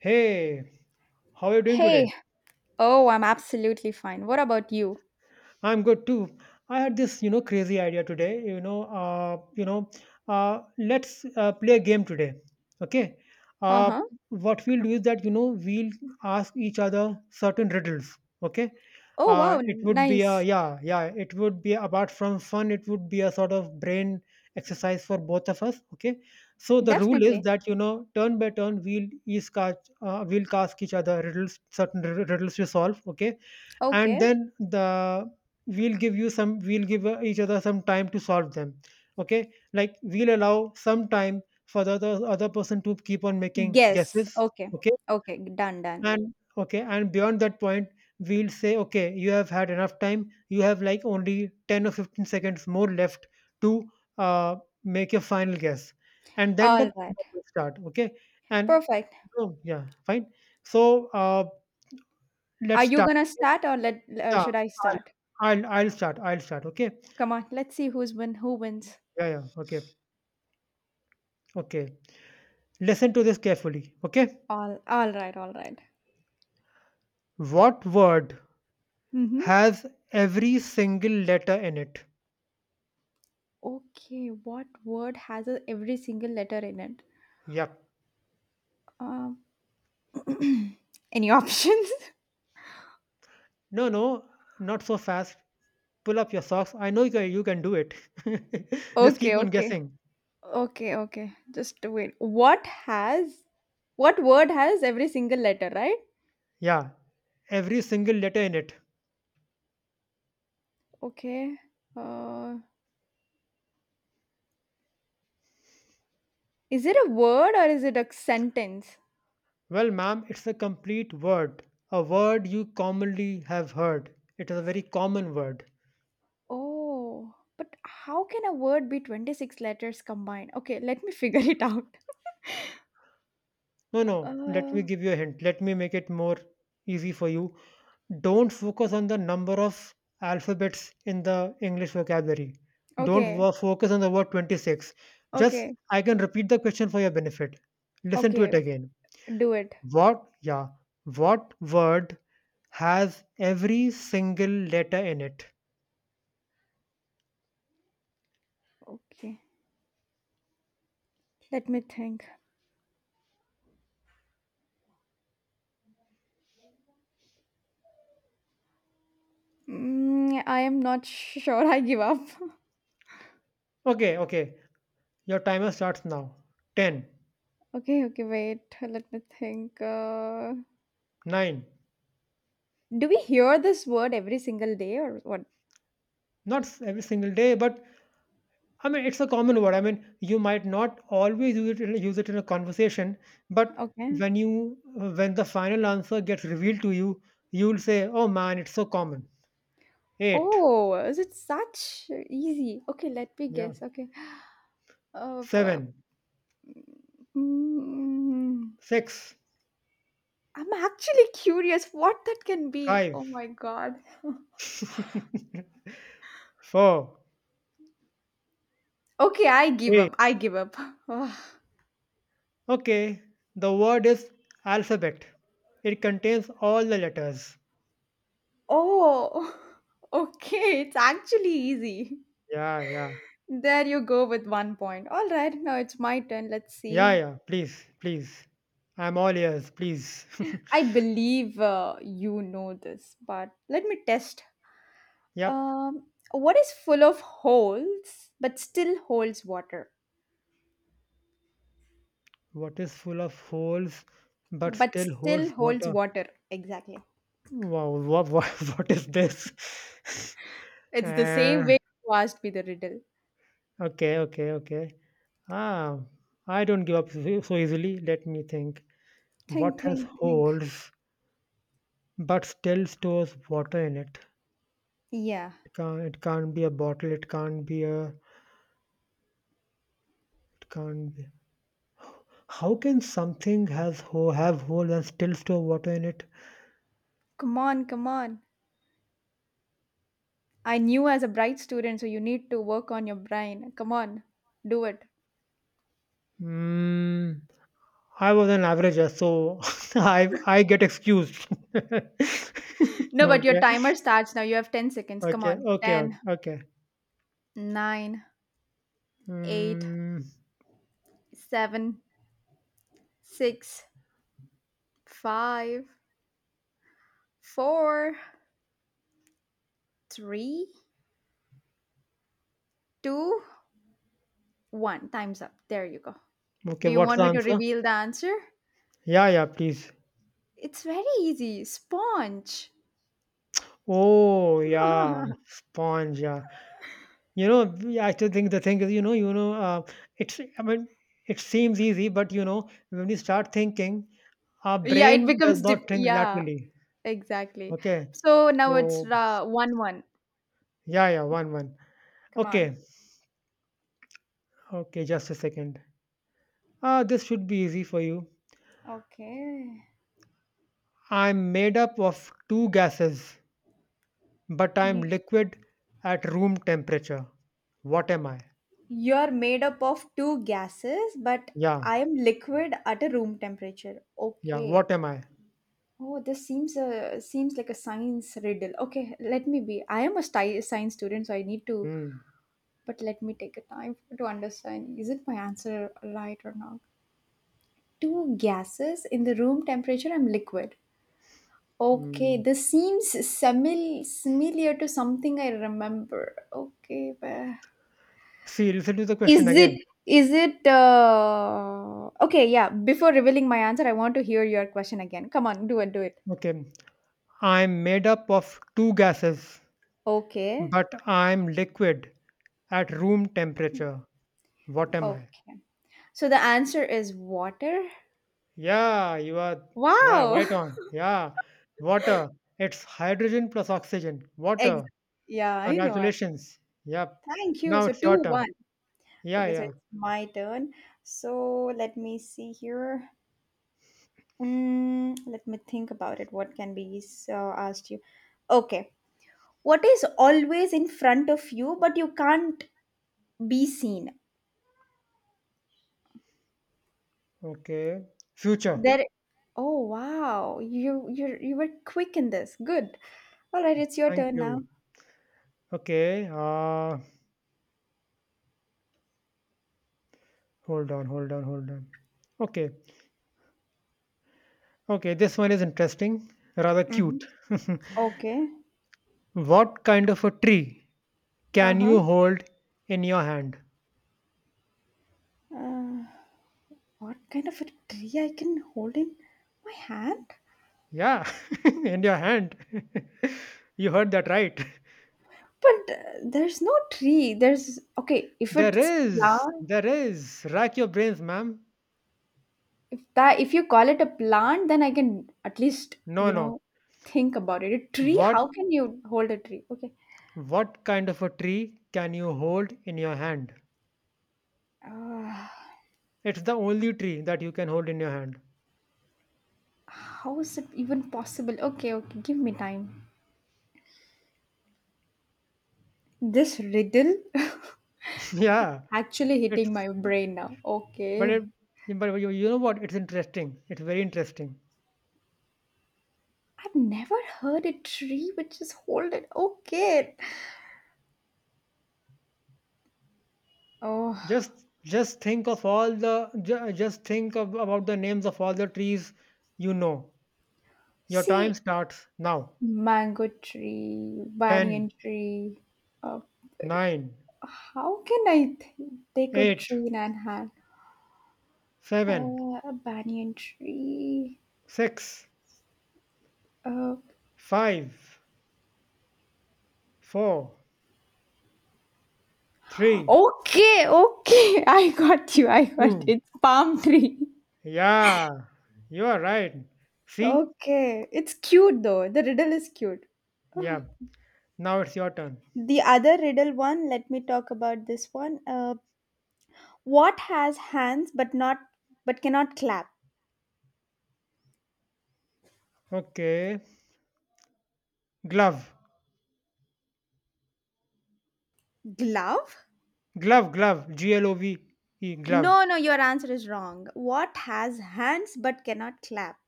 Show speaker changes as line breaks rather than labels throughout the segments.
Hey, how are you doing today?
Hey, oh, I'm absolutely fine. What about you?
I'm good too. I had this, crazy idea today. Let's play a game today. Okay.
Uh
Uh,
huh.
what we'll do is that we'll ask each other certain riddles. Okay.
Oh, wow,
It would be a
nice.
yeah, yeah. It would be apart from fun, it would be a sort of brain exercise for both of us. Okay. So the rule is
Definitely.
that turn by turn, we'll each cast, we'll ask each other riddles, riddles to solve. Okay, and
Okay.
then the we'll give you some, we'll give each other some time to solve them. Okay, like we'll allow some time for the other person to keep on making
Guess.
guesses.
Okay.
Okay,
Okay, done, done.
and okay, and beyond that point we'll say, okay, you have had enough time, you have like only 10 or 15 seconds more left to uh, make your final guess, and then the
All right.
countdown will start. Okay, and
Perfect.
oh, yeah, fine. So
Are
let's
you
start.
gonna start or let
Yeah,
should I
I'll
start?
I'll start. I'll start, okay?
Come on, let's see who wins.
Yeah, yeah. Okay. Okay. Listen to this carefully, okay?
All right, all right.
What word
Mm-hmm.
has every single letter in it?
Okay, what word has every single letter in it?
Yep.
Um, any options?
No, no, not so fast. Pull up your socks. I know you can do it. Just
Okay,
keep on
okay.
guessing.
Okay, okay. Just wait. What word has every single letter, right?
Yeah, every single letter in it.
Okay. Uh, is it a word or is it a sentence?
Well, ma'am, it's a complete word, a word you commonly have heard. It is a very common word.
Oh, but how can a word be 26 letters combined? Okay, let me figure it out.
No, no, let
Uh,
me give you a hint. Let me make it more easy for you. Don't focus on the number of alphabets in the English vocabulary. Don't
okay,
wo- focus on the word 26. Just,
okay,
I can repeat the question for your benefit. Listen to
okay.
it again.
Do it.
What, yeah, what word has every single letter in it?
Okay. Let me think. I am not sure. I give up.
Okay, okay. Your timer starts now. 10,
Okay, okay, wait. Let me think.
9.
Do we hear this word every single day or what?
Not every single day, but I mean, it's a common word. I mean, you might not always use it in a conversation, but
Okay.
when you, when the final answer gets revealed to you, you'll say, "Oh man, it's so common." Eight,
Oh, is it such easy? Okay, let me
yeah,
guess. Okay. Uh, bu-
seven,
mm,
six,
I'm actually curious what that can be.
five,
Oh my god.
four,
Okay, I give
three.
up. I give up. Ugh.
Okay, the word is alphabet. It contains all the letters.
Oh, okay. It's actually easy.
Yeah, yeah,
There you go with 1 point. All right, now it's my turn. Let's
yeah,
see.
yeah. Please, please. I'm all ears. Please.
I believe you know this, but let me test.
Yep.
What is full of holes but still holds water?
What is full of holes but
But
still holds
still holds
water?
water. Exactly.
Wow, what is this?
It's the same
Uh,
way you asked me the riddle.
okay, okay, okay. Ah, I don't give up so easily. Let me think. What has
Think, think.
holes but still stores water in it?
Yeah.
It can't be a bottle. It can't be a. It can't be. How can something has ho have holes and still store water in it?
Come on, come on. I knew as a bright student, so you need to work on your brain. Come on, do it.
Hmm. I was an averager, so I get excused.
No, but your
Okay,
timer starts now. You have 10 seconds. Come
okay,
on.
okay,
Ten,
okay.
nine, eight,
Mm,
seven, six, five, four, three, two. One. Time's up. There you go. Do
okay,
you
what's
want
the
me to
answer?
reveal the answer?
Yeah, yeah, please.
It's very easy. Sponge.
Oh, yeah, sponge. Yeah, I still think the thing is, it's. I mean, it seems easy, but you know, when we start thinking, our
Yeah, it
brain does
becomes dip.
not think
Yeah,
laterally.
exactly.
Okay,
So now it's
so
1-1.
yeah, yeah, one, one.
Come on.
Okay, okay, just a second. Ah, this should be easy for you.
Okay.
I'm made up of two gases, but I'm
You,
liquid at room temperature. What am I?
you're made up of two gases, but
Yeah,
I am liquid at a room temperature.
yeah,
Okay.
what am I?
Oh, this seems like a science riddle. Okay, let me be. I am a science student, so I need to
Mm,
but let me take a time to understand is it my answer right or not? Two gases in the room temperature and liquid. Okay,
mm.
this seems similar to something I remember. Okay, but
See, listen to the
Is
question again.
it is it okay, yeah. Before revealing my answer, I want to hear your question again. Come on, do it, do it.
Okay, I'm made up of two gases,
Okay,
but I'm liquid at room temperature. What am I?
okay. So the answer is water.
Yeah, you are
Wow.
right on. Yeah, water. It's hydrogen plus oxygen.
Ex-
Water.
yeah, I know.
Congratulations. Yep.
Thank you.
Now
So
it's
2
your turn.
1.
Yeah,
Okay, so
yeah.
it's my turn. So let me see here. Let me think about it. What can be asked you? Okay. What is always in front of you, but you can't be seen?
Okay. Future.
There. Oh wow! You were quick in this. Good. All right, it's your
Thank
turn now.
you. Okay. Hold on, hold on, hold on. Okay. Okay. This one is interesting, rather
Mm-hmm.
cute.
Okay.
What kind of a tree can
Uh-huh.
you hold in your hand?
Uh What kind of a tree I can hold in my hand?
Yeah, in your hand. You heard that right.
But there's no tree. There's okay. If
There
it's
is,
plant,
there is. Rack your brains, ma'am.
if you call it a plant, then I can at least
No, no.
think about it. A tree?
What
How can you hold a tree? Okay.
what kind of a tree can you hold in your hand?
Uh,
It's the only tree that you can hold in your hand.
how is it even possible? Okay, okay. Give me time. This riddle
Yeah,
actually hitting
it's.
my brain now.
But it,
Okay.
but you, you know what? It's interesting. It's very interesting.
I've never heard a tree which is holding. Okay. Oh,
Just just think of all the ju- just think of, about the names of all the trees you know. Your time
see,
starts now.
mango tree, banyan
Ten,
tree, uh,
nine,
how can I take a
eight,
tree in an hand?
seven,
A banyan tree.
six,
Uh,
five, four, three,
okay, okay. I got you. I got
two.
it. Palm tree.
Yeah, you are right. See?
Okay, it's cute though. The riddle is cute.
Yeah. Now it's your turn.
The other riddle one, let me talk about this one. What has hands but cannot clap?
Okay. Glove.
Glove?
Glove. G L O V E, glove.
No, no, your answer is wrong. What has hands but cannot clap?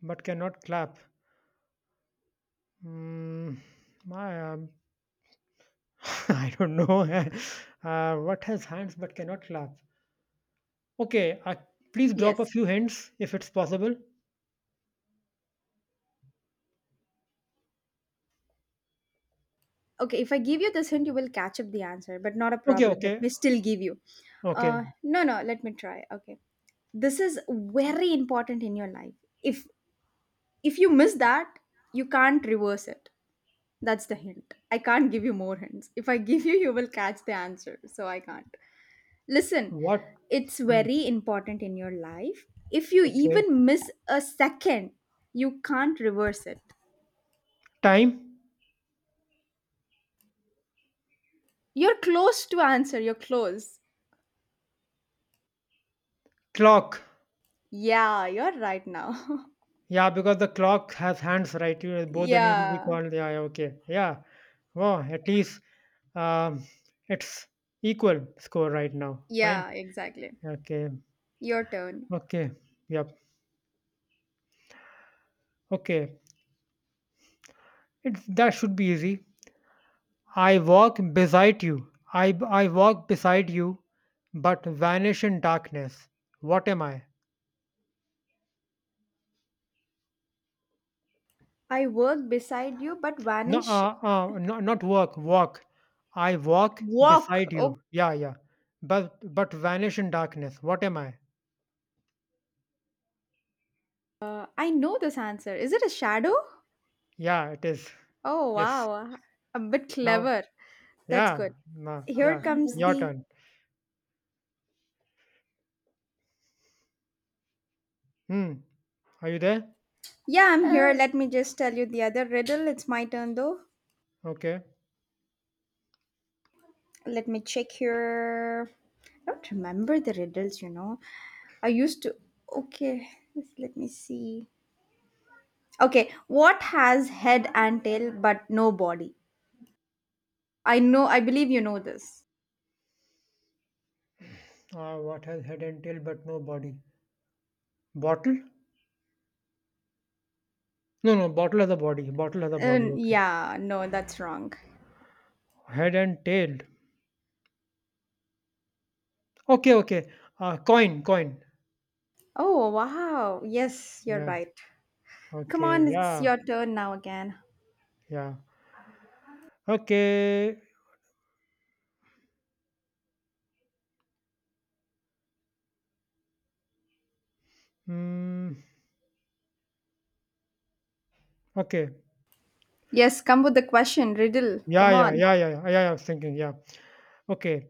But cannot clap. Mm, my, I don't know. Uh, what has hands but cannot clap? Okay, please drop a
Yes.
few hints if it's possible.
Okay, if I give you this hint, you will catch up the answer, but not a
Okay,
problem. Let
okay,
me still give you.
okay.
No, no, let me try. Okay. This is very important in your life. If if you miss that, you can't reverse it. That's the hint. I can't give you more hints. If I give you, you will catch the answer. So I can't. Listen,
What?
it's
Mm,
very important in your life. If you
okay.
even miss a second, you can't reverse it.
Time?
You're close to answer. You're close.
Clock.
Yeah, you're right now.
Yeah, because the clock has hands, right? You, both the need to be
Yeah,
called. Yeah, yeah, okay. Yeah. Wow, at least um, it's equal score right now. Fine.
yeah, exactly.
Okay.
Your turn.
Okay. Yep. Okay. It's that should be easy. I walk beside you, but vanish in darkness. What am I?
I work beside you but
No,
vanish.
no, not work, walk. I walk
Walk.
beside
Oh,
you. Yeah, yeah. But vanish in darkness. What am I?
I know this answer. Is it a shadow?
Yeah, it is.
Oh,
Yes.
wow. A bit
Now,
clever. That's
yeah,
good.
nah,
Here
yeah.
comes
Your
the.
turn. Hmm. Are you there?
Yeah, I'm here. Let me just tell you the other riddle. It's my turn though.
Okay.
Let me check here. I don't remember the riddles. I used to. Okay, let me see. Okay, what has head and tail but no body? I know, I believe you know this.
What has head and tail but no body? Bottle? No, no. Bottle has a body. Bottle has a body. Okay.
Yeah, no, that's wrong.
Head and tail. Okay, okay. Coin.
Oh, wow. Yes, you're
Yeah.
right. Come
Okay.
on, it's
Yeah.
your turn now again.
Yeah. Okay. Mm, okay.
Yes, come with the question, riddle.
Yeah.
Come
Yeah.
on.
Yeah. Yeah. Yeah. Yeah, I was thinking. Yeah. Okay.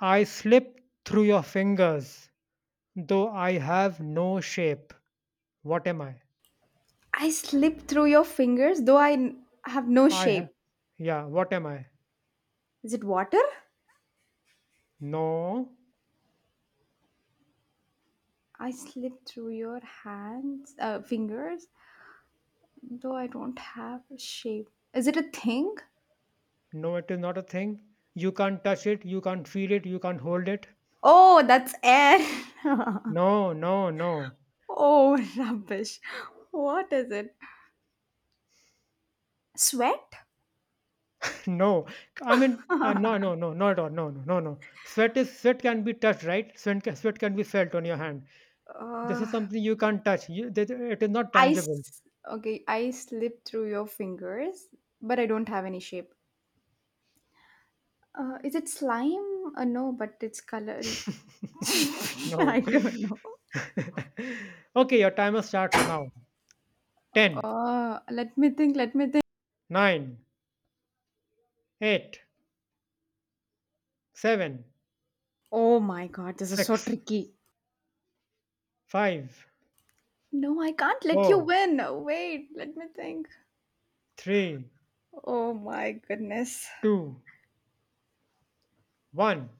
I slip through your fingers, though I have no shape. What am I?
I slip through your fingers, though I have no
I have.
shape.
Yeah. What am I?
Is it water?
No.
I slip through your hands, fingers, though I don't have a shape. Is it a thing?
No. It is not a thing. You can't touch it. You can't feel it. You can't hold it.
Oh, that's air.
No. No. No.
Oh, rubbish. What is it? Sweat?
No, no, no, no, not at all. No, no, no, no. Sweat can be touched, right? Sweat can be felt on your hand. This is
Uh,
something you can't touch. It is not
I
tangible.
s- okay, I slip through your fingers, but I don't have any shape. Is it slime? No, but it's color.
No.
I don't know.
Okay, your timer starts now. Ten,
Let me think. Let me think.
nine, eight, seven,
Oh my god, this is so
six,
tricky.
five,
No, I can't let you
four,
win. Wait, let me think.
three,
Oh my goodness.
two, one.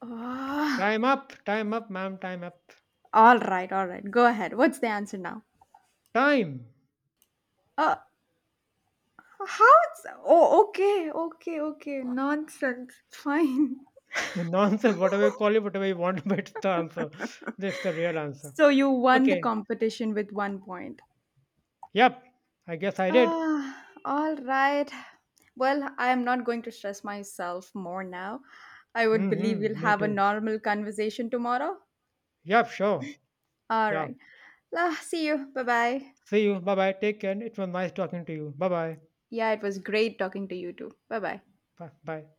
Ah,
Time up, ma'am, time up.
all right, all right. Go ahead. What's the answer now?
Time.
Uh, how? Oh, okay, okay, okay. Nonsense. Fine.
Nonsense, whatever you call it, whatever you want, but it's the answer. That's the real answer.
So you won the
Okay,
competition with 1 point.
yep, I guess I did.
Ah, all right. Well, I am not going to stress myself more now. I would believe
Mm-hmm,
we'll
me
have a
too.
normal conversation tomorrow.
Yep, sure.
All
Yeah.
right. Ah, see you. Bye bye.
See you. Bye bye. Take care. It was nice talking to you. Bye bye.
Yeah, it was great talking to you too. Bye bye.
Bye bye.